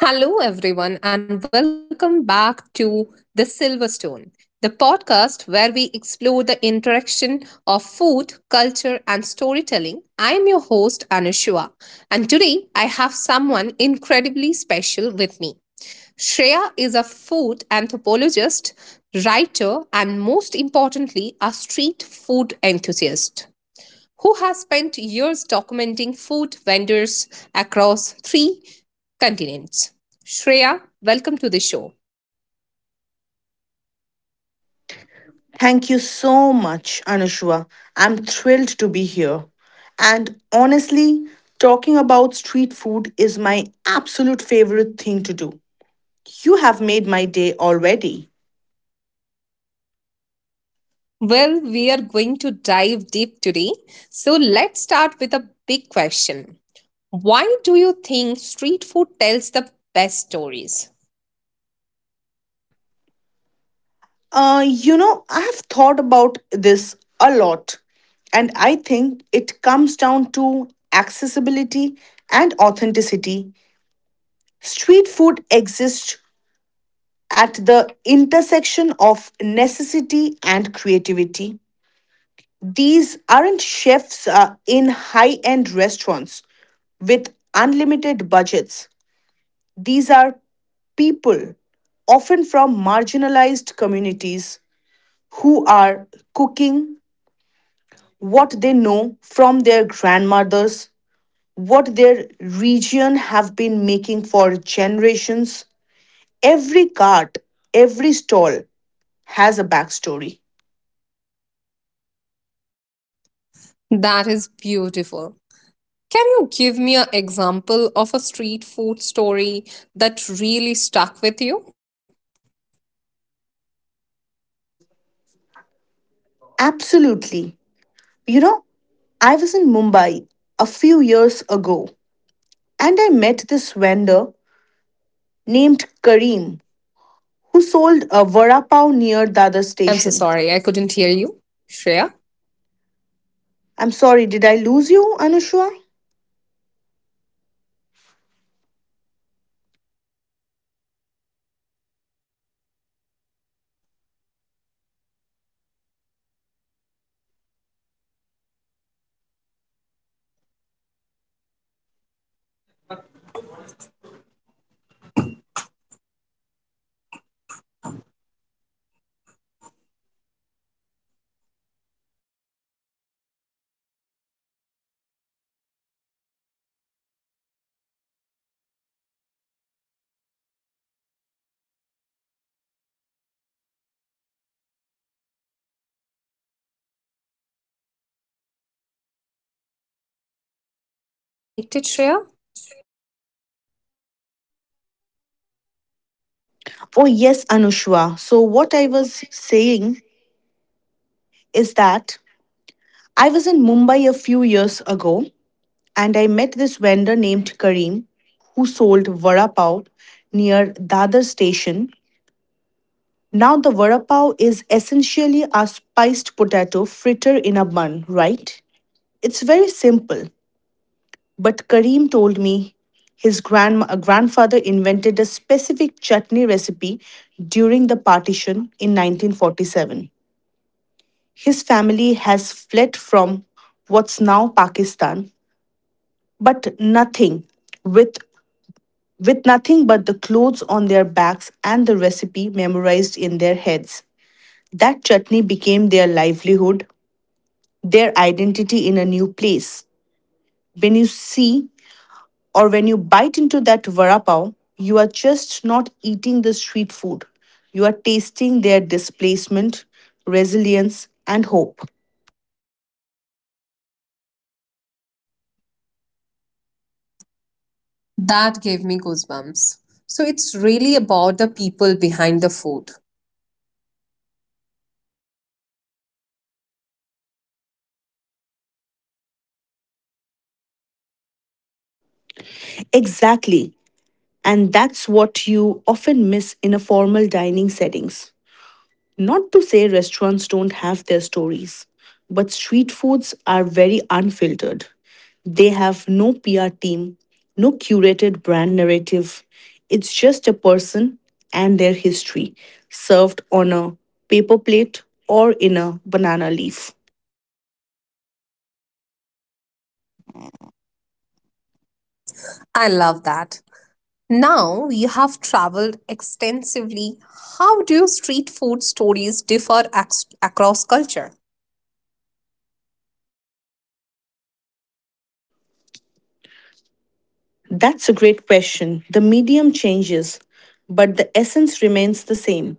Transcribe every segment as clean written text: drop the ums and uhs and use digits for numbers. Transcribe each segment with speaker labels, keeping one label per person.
Speaker 1: Hello, everyone, and welcome back to The Silverstone, the podcast where we explore the interaction of food, culture, and storytelling. I am your host, Anushua, and today I have someone incredibly special with me. Shreya is a food anthropologist, writer, and most importantly, a street food enthusiast who has spent years documenting food vendors across three continents. Shreya, welcome to the show.
Speaker 2: Thank you so much, Anushua. I'm thrilled to be here. And honestly, talking about street food is my absolute favorite thing to do. You have made my day already.
Speaker 1: Well, we are going to dive deep today. So let's start with a big question. Why do you think street food tells the best stories?
Speaker 2: I have thought about this a lot, and I think it comes down to accessibility and authenticity. Street food exists at the intersection of necessity and creativity. These aren't chefs in high end restaurants with unlimited budgets. These are people, often from marginalized communities, who are cooking what they know from their grandmothers, what their region have been making for generations. Every cart, every stall has a backstory.
Speaker 1: That is beautiful. Can you give me an example of a street food story that really stuck with you?
Speaker 2: Absolutely. You know, I was in Mumbai a few years ago and I met this vendor named Kareem who sold a vada pav
Speaker 1: I'm so
Speaker 2: near
Speaker 1: sorry, I
Speaker 2: Dadar
Speaker 1: couldn't hear
Speaker 2: station.
Speaker 1: you. Shreya?
Speaker 2: I'm sorry, did I lose you, Anushwa?
Speaker 1: Are we connected, Shreya?
Speaker 2: Oh, yes, Anushwa. So, what I was saying is that I was in Mumbai a few years ago and I met this vendor named Kareem who sold vada pav near Dadar station. Now, the vada pav is essentially a spiced potato fritter in a bun, right? It's very simple, but Karim told me his grandfather invented a specific chutney recipe during the partition in 1947. His family has fled from what's now Pakistan, but nothing with with nothing but the clothes on their backs and the recipe memorized in their heads. That chutney became their livelihood, their identity in a new place. When you see or when you bite into that vada pav, you are just not eating the street food. You are tasting their displacement, resilience, and hope.
Speaker 1: That gave me goosebumps. So it's really about the people behind the food.
Speaker 2: Exactly. And that's what you often miss in a formal dining settings. Not to say restaurants don't have their stories, but street foods are very unfiltered. They have no PR team, no curated brand narrative. It's just a person and their history served on a paper plate or in a banana leaf.
Speaker 1: I love that. Now you have traveled extensively. How do street food stories differ across culture?
Speaker 2: That's a great question. The medium changes, but the essence remains the same.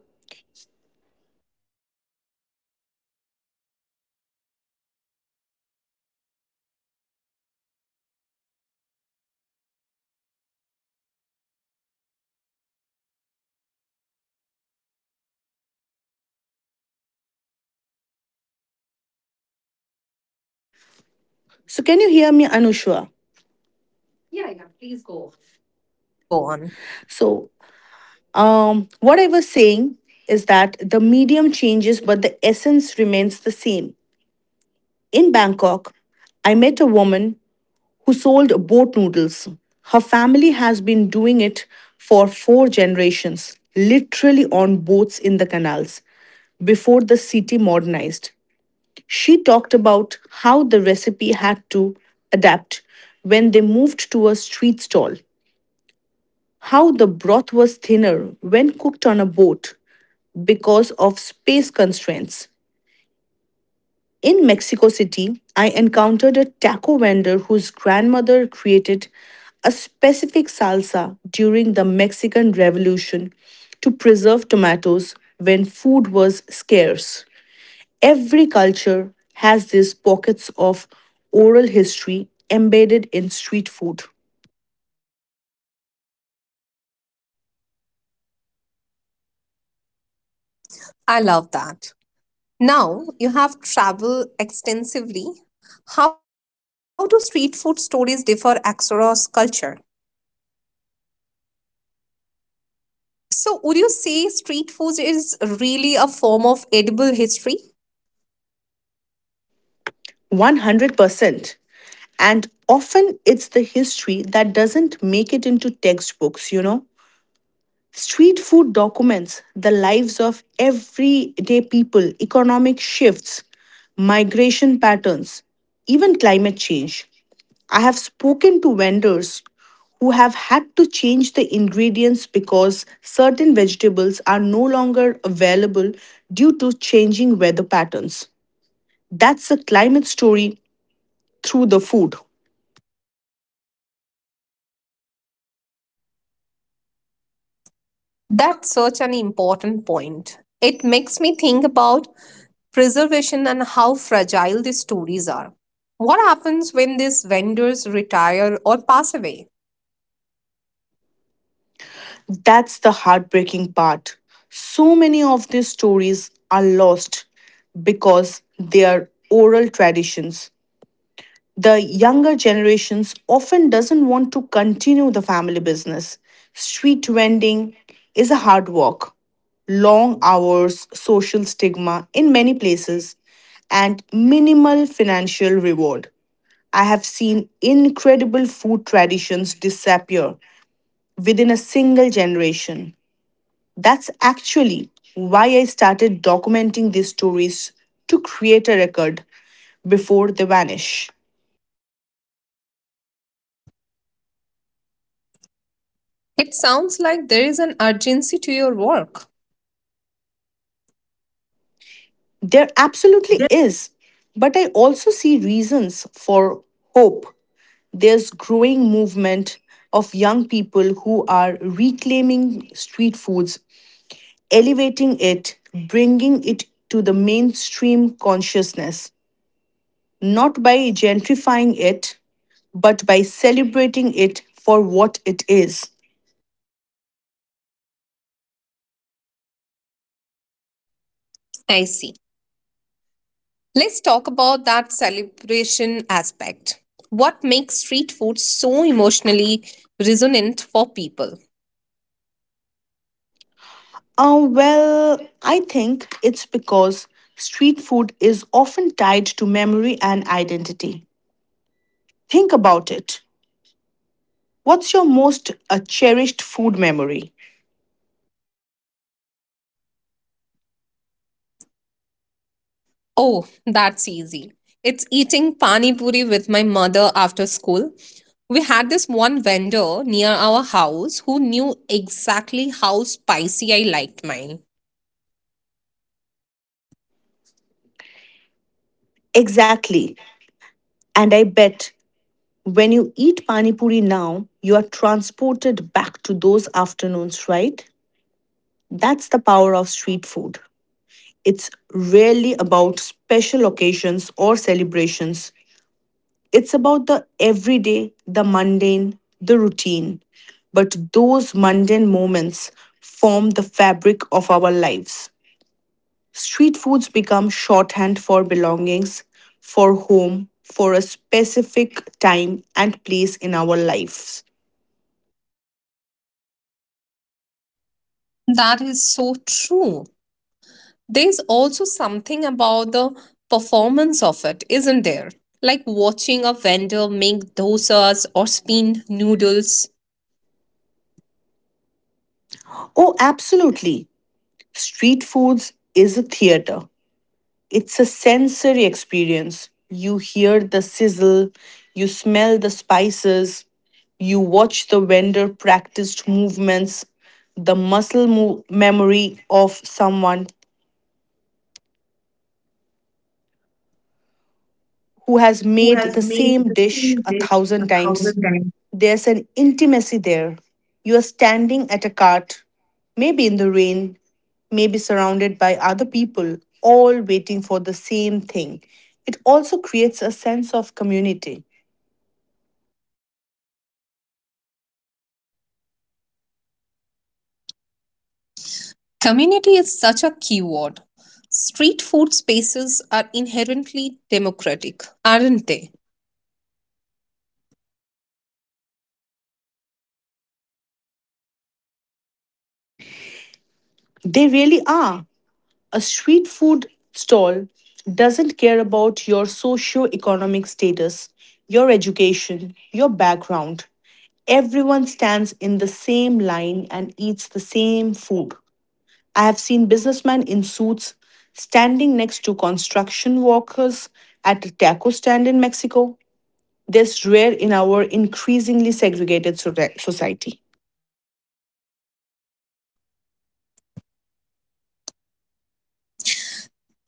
Speaker 2: So, can you hear me, Anushwa?
Speaker 1: Yeah, yeah, please go on.
Speaker 2: So, what I was saying is that the medium changes, but the essence remains the same. In Bangkok, I met a woman who sold boat noodles. Her family has been doing it for four generations, literally on boats in the canals, before the city modernized. She talked about how the recipe had to adapt when they moved to a street stall, how the broth was thinner when cooked on a boat, because of space constraints. In Mexico City, I encountered a taco vendor whose grandmother created a specific salsa during the Mexican Revolution to preserve tomatoes when food was scarce. Every culture has these pockets of oral history embedded in street food.
Speaker 1: I love that. Now you have traveled extensively. How do street food stories differ across culture? So, would you say street food is really a form of edible history?
Speaker 2: 100%. And often it's the history that doesn't make it into textbooks, you know? Street food documents the lives of everyday people, economic shifts, migration patterns, even climate change. I have spoken to vendors who have had to change the ingredients because certain vegetables are no longer available due to changing weather patterns. That's a climate story through the food.
Speaker 1: That's such an important point. It makes me think about preservation and how fragile these stories are. What happens when these vendors retire or pass away?
Speaker 2: That's the heartbreaking part. So many of these stories are lost because they are oral traditions. The younger generations often doesn't want to continue the family business. Street vending is a hard work, long hours, social stigma in many places, and minimal financial reward. I have seen incredible food traditions disappear within a single generation. That's actually why I started documenting these stories to create a record before they vanish.
Speaker 1: It sounds like there is an urgency to your work.
Speaker 2: There absolutely is, but I also see reasons for hope. There's growing movement of young people who are reclaiming street foods, elevating it, bringing it to the mainstream consciousness, not by gentrifying it, but by celebrating it for what it is.
Speaker 1: I see. Let's talk about that celebration aspect. What makes street food so emotionally resonant for people?
Speaker 2: Well, I think it's because street food is often tied to memory and identity. Think about it. What's your most cherished food memory?
Speaker 1: Oh, that's easy. It's eating pani puri with my mother after school. We had this one vendor near our house who knew exactly how spicy I liked mine.
Speaker 2: Exactly. And I bet when you eat pani puri now, you are transported back to those afternoons, right? That's the power of street food. It's rarely about special occasions or celebrations. It's about the everyday, the mundane, the routine. But those mundane moments form the fabric of our lives. Street foods become shorthand for belongings, for home, for a specific time and place in our lives.
Speaker 1: That is so true. There's also something about the performance of it, isn't there? Like watching a vendor make dosas or spin noodles.
Speaker 2: Oh, absolutely. Street foods is a theater. It's a sensory experience. You hear the sizzle, you smell the spices, you watch the vendor practiced movements, the memory of someone who has made the same dish a thousand times. There's an intimacy there. You are standing at a cart, maybe in the rain, maybe surrounded by other people, all waiting for the same thing. It also creates a sense of community.
Speaker 1: Community is such a key word. Street food spaces are inherently democratic, aren't they?
Speaker 2: They really are. A street food stall doesn't care about your socio-economic status, your education, your background. Everyone stands in the same line and eats the same food. I have seen businessmen in suits standing next to construction workers at a taco stand in Mexico. That's rare in our increasingly segregated society.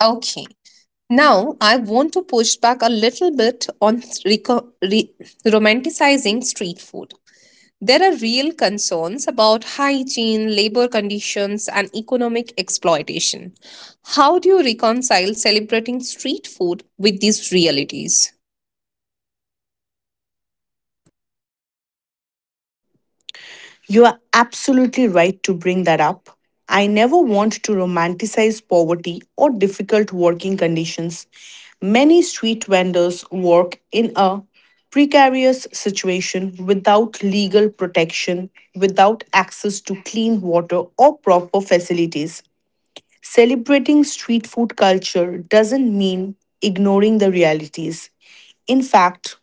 Speaker 1: Okay. Now, I want to push back a little bit on reco- re- romanticizing street food. There are real concerns about hygiene, labor conditions, and economic exploitation. How do you reconcile celebrating street food with these realities?
Speaker 2: You are absolutely right to bring that up. I never want to romanticize poverty or difficult working conditions. Many street vendors work in a precarious situation without legal protection, without access to clean water or proper facilities. Celebrating street food culture doesn't mean ignoring the realities. In fact,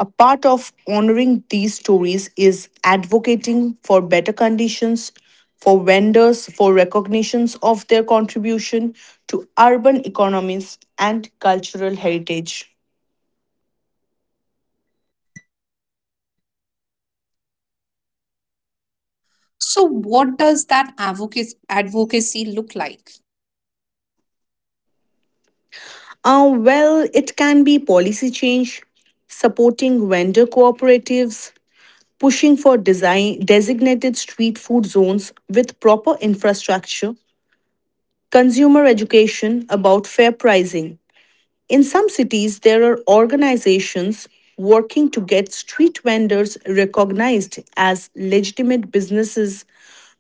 Speaker 2: a part of honoring these stories is advocating for better conditions for vendors, for recognitions of their contribution to urban economies and cultural heritage.
Speaker 1: So, what does that advocacy look like?
Speaker 2: Well, it can be policy change, supporting vendor cooperatives, pushing for designated street food zones with proper infrastructure, consumer education about fair pricing. In some cities, there are organizations working to get street vendors recognized as legitimate businesses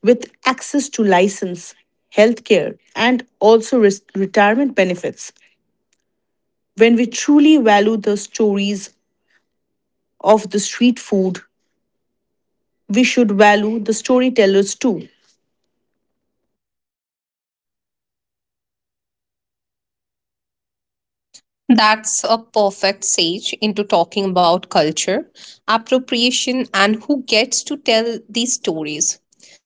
Speaker 2: with access to license, healthcare, and also retirement benefits. When we truly value the stories of the street food, we should value the storytellers too.
Speaker 1: That's a perfect sage into talking about culture, appropriation, and who gets to tell these stories.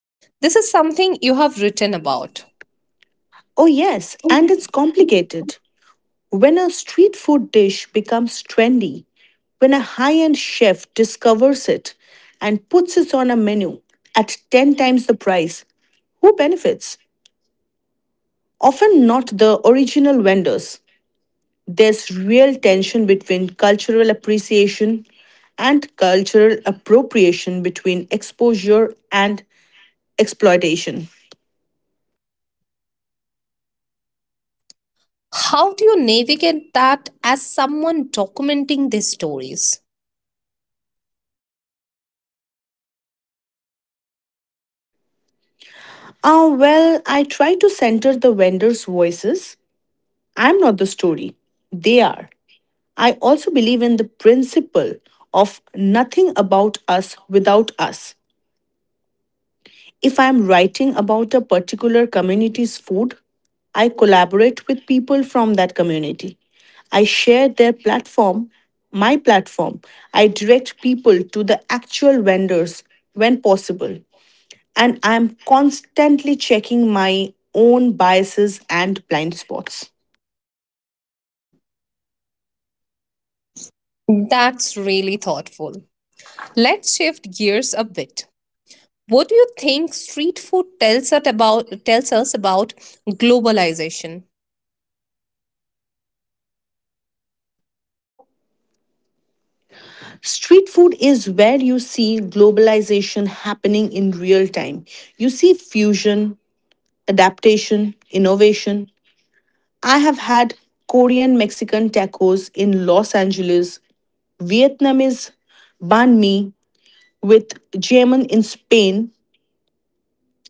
Speaker 1: This is something you have written about.
Speaker 2: Oh, yes, and it's complicated. When a street food dish becomes trendy, when a high end chef discovers it and puts it on a menu at 10 times the price, who benefits? Often not the original vendors. There's real tension between cultural appreciation and cultural appropriation, between exposure and exploitation.
Speaker 1: How do you navigate that as someone documenting these stories?
Speaker 2: Oh, well, I try to center the vendors' voices. I'm not the story. They are. I also believe in the principle of nothing about us without us. If I am writing about a particular community's food, I collaborate with people from that community. I share their platform, my platform. I direct people to the actual vendors when possible. And I am constantly checking my own biases and blind spots.
Speaker 1: That's really thoughtful. Let's shift gears a bit. What do you think street food tells us about globalization?
Speaker 2: Street food is where you see globalization happening in real time. You see fusion, adaptation, innovation. I have had Korean Mexican tacos in Los Angeles, Vietnamese banh mi with German in Spain,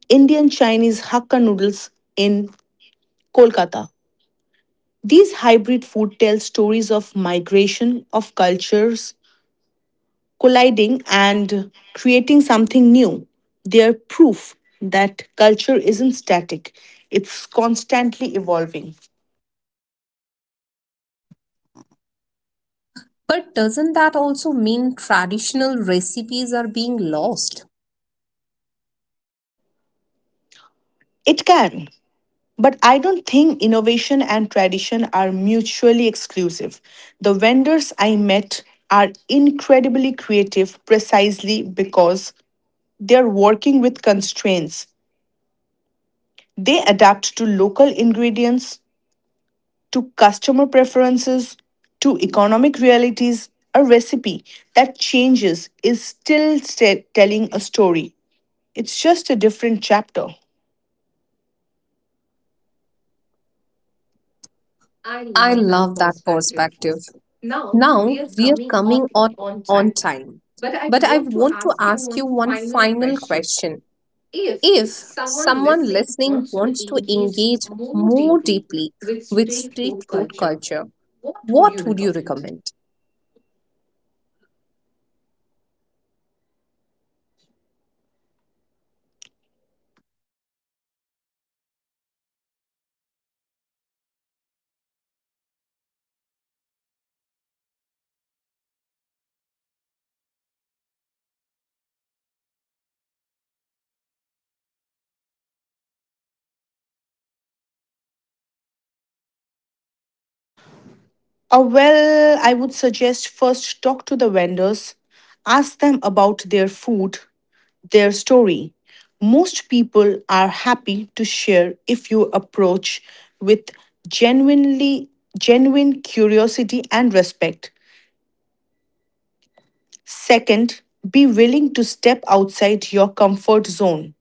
Speaker 2: Indian Chinese Hakka noodles in Kolkata. These hybrid food tell stories of migration, of cultures, colliding and creating something new. They're proof that culture isn't static, it's constantly evolving.
Speaker 1: But doesn't that also mean traditional recipes are being lost?
Speaker 2: It can, but I don't think innovation and tradition are mutually exclusive. The vendors I met are incredibly creative precisely because they're working with constraints. They adapt to local ingredients, to customer preferences to economic realities. A recipe that changes is still telling a story. It's just a different chapter.
Speaker 1: I love that perspective. Now we are coming on time. But I want to ask you one final question. If someone listening wants to engage more deeply with street food culture, what would you recommend?
Speaker 2: Or, well, I would suggest first talk to the vendors, ask them about their food, their story. Most people are happy to share if you approach with genuinely genuine curiosity and respect. Second, be willing to step outside your comfort zone.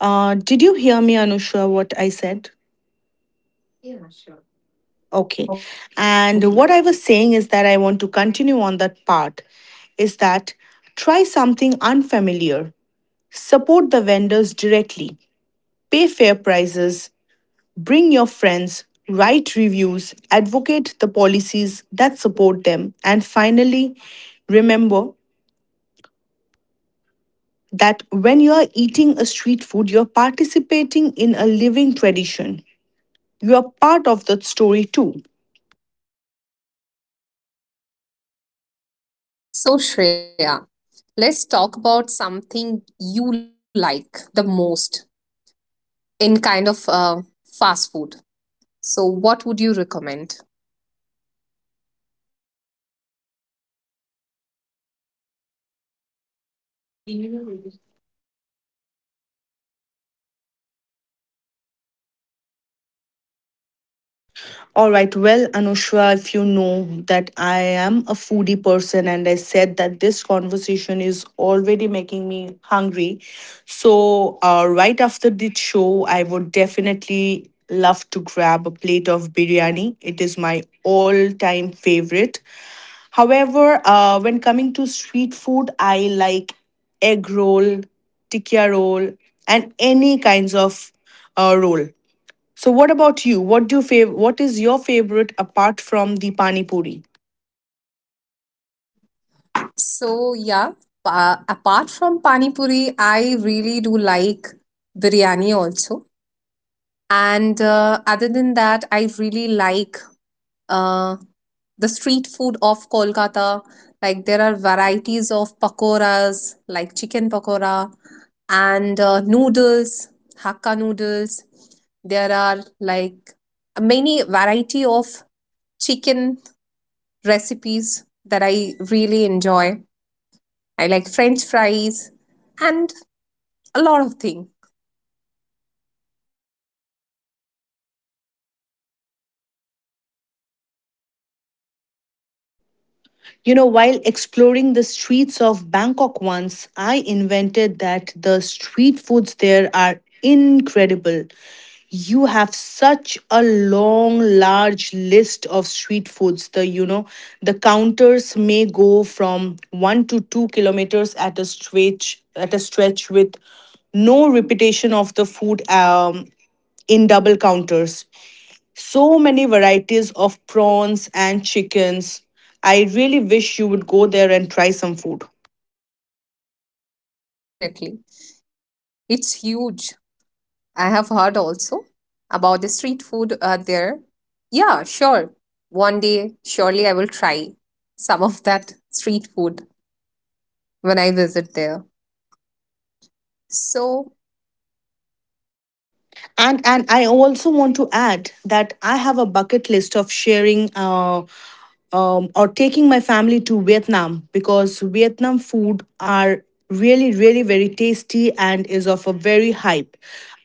Speaker 2: Did you hear me, Anusha, what I said?
Speaker 1: Yeah, sure.
Speaker 2: Okay.
Speaker 1: Okay.
Speaker 2: And what I was saying is that I want to continue on that part is that try something unfamiliar, support the vendors directly, pay fair prices, bring your friends, write reviews, advocate the policies that support them, and finally, remember that when you are eating a street food, you're participating in a living tradition. You are part of that story too.
Speaker 1: So, Shreya, let's talk about something you like the most in kind of fast food. So, what would you recommend?
Speaker 2: All right, well, Anushka, if you know that I am a foodie person, and I said that this conversation is already making me hungry. So, right after this show, I would definitely love to grab a plate of biryani. It is my all time favorite. However, when coming to street food, I like egg roll, tikka roll, and any kinds of roll. So, what about you? What is your favorite apart from the pani puri?
Speaker 1: So yeah, apart from pani puri, I really do like biryani also. And other than that, I really like uh, the street food of Kolkata. Like there are varieties of pakoras, like chicken pakora and noodles, Hakka noodles. There are like many variety of chicken recipes that I really enjoy. I like French fries and a lot of things.
Speaker 2: You know, while exploring the streets of Bangkok once, I invented that the street foods there are incredible. You have such a long, large list of street foods. The counters may go from 1 to 2 kilometers at a stretch. At a stretch, with no repetition of the food, in double counters, so many varieties of prawns and chickens. I really wish you would go there and try some food.
Speaker 1: Oh, definitely. It's huge. I have heard also about the street food there. Yeah, sure. One day, surely I will try some of that street food when I visit there. So,
Speaker 2: And I also want to add that I have a bucket list of sharing. Or taking my family to Vietnam because Vietnam food are really very tasty and is of a very hype.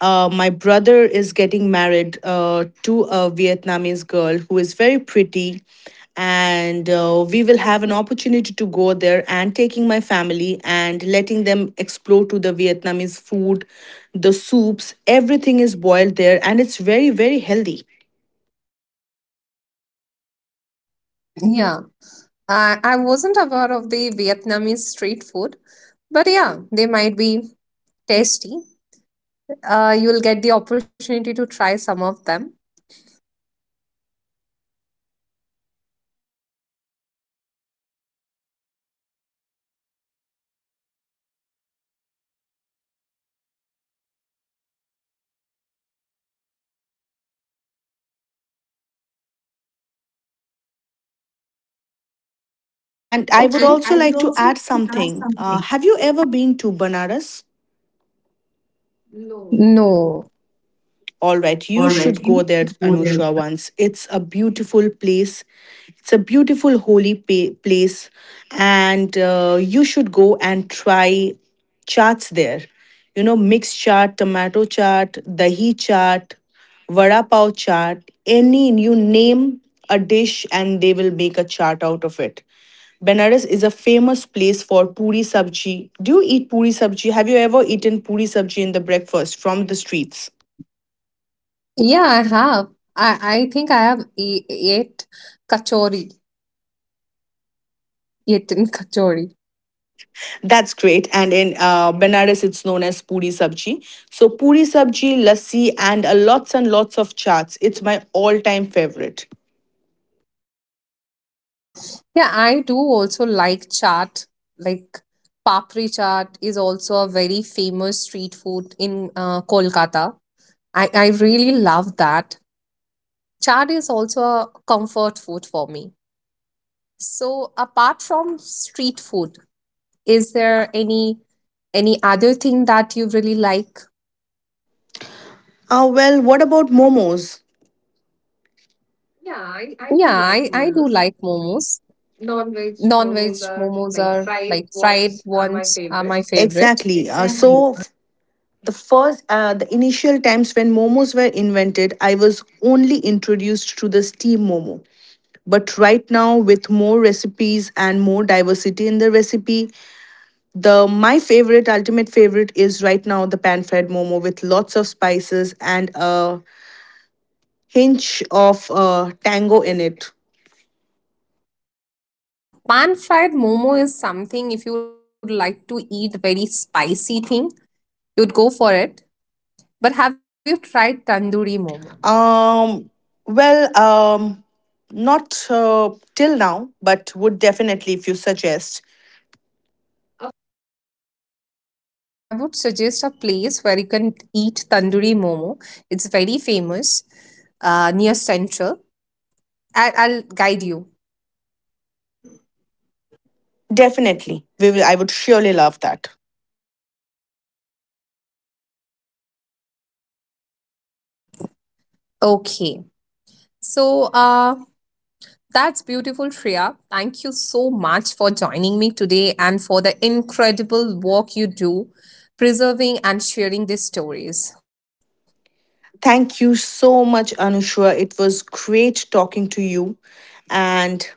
Speaker 2: My brother is getting married to a Vietnamese girl who is very pretty, and we will have an opportunity to go there and taking my family and letting them explore to the vietnamese food, the soups, everything is boiled there, and it's very healthy.
Speaker 1: yeah, I wasn't aware of the Vietnamese street food, but yeah, they might be tasty. You'll get the opportunity to try some of them.
Speaker 2: And I would
Speaker 1: Okay. And
Speaker 2: also
Speaker 1: I would
Speaker 2: like to
Speaker 1: also
Speaker 2: add
Speaker 1: like to add
Speaker 2: something.
Speaker 1: something.
Speaker 2: Have you ever been to Banaras?
Speaker 1: No.
Speaker 2: All right,
Speaker 1: All
Speaker 2: you
Speaker 1: right,
Speaker 2: should
Speaker 1: you
Speaker 2: go there,
Speaker 1: should go there
Speaker 2: Anusha, once. It's a beautiful place. It's a beautiful place, and you should go and try chaats there. You know, mixed chaat, tomato chaat, dahi chaat, vada pav chaat. Any you name a dish, and they will make a chaat out of it. Benares is a famous place for puri sabji. Do you eat puri sabji? Have you ever eaten puri sabji in the breakfast from the
Speaker 1: to
Speaker 2: streets?
Speaker 1: see. Yeah, I have. I think I have ate kachori. Eaten kachori.
Speaker 2: That's great. And in Benares, it's known as puri sabji. So puri sabji, lassi, and lots and lots of chaats. It's my all-time favorite.
Speaker 1: Yeah, I do also like chaat. Like papri chaat is also a very famous street food in Kolkata. I really love that. Chaat is also a comfort food for me. So apart from street food, is there any other thing that you really like?
Speaker 2: Well, what about momos?
Speaker 1: Yeah, I do like momos. Non-veg momos are like fried ones are my favorite.
Speaker 2: Exactly.
Speaker 1: Exactly.
Speaker 2: The initial times when momos were invented, I was only introduced to the steam momo. But right now, with more recipes and more diversity in the recipe, the my ultimate favorite is right now the pan fried momo with lots of spices and a hinge of tango in it.
Speaker 1: Yeah, pan fried momo is something if you would like to eat very spicy thing, you'd go for it. But have you tried tandoori momo?
Speaker 2: Um, well, um, Not till now, but would definitely if you suggest.
Speaker 1: Of course, I would suggest a place where you can eat tandoori momo. It's very famous near Central. I'll guide you.
Speaker 2: Definitely, we will. I would surely love that.
Speaker 1: Okay. So, that's beautiful, Shreya. Thank you so much for joining me today and for the incredible work you do preserving and sharing these stories.
Speaker 2: Thank you so much, Anushka. It was great talking to you, and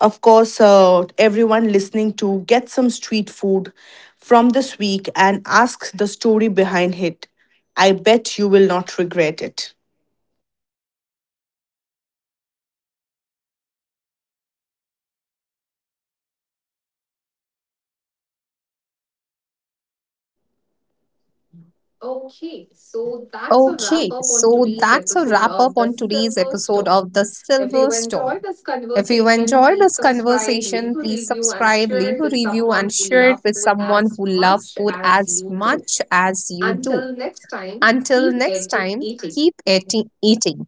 Speaker 2: of course, everyone listening to get some street food from this week and ask the story behind it. I bet you will not regret it.
Speaker 1: Okay, so that's a wrap up on today's episode of The Silver Stone. If you enjoyed this conversation, please subscribe, leave a review, and share it with someone who loves food as much as you do. Until next time, keep eating. Eating.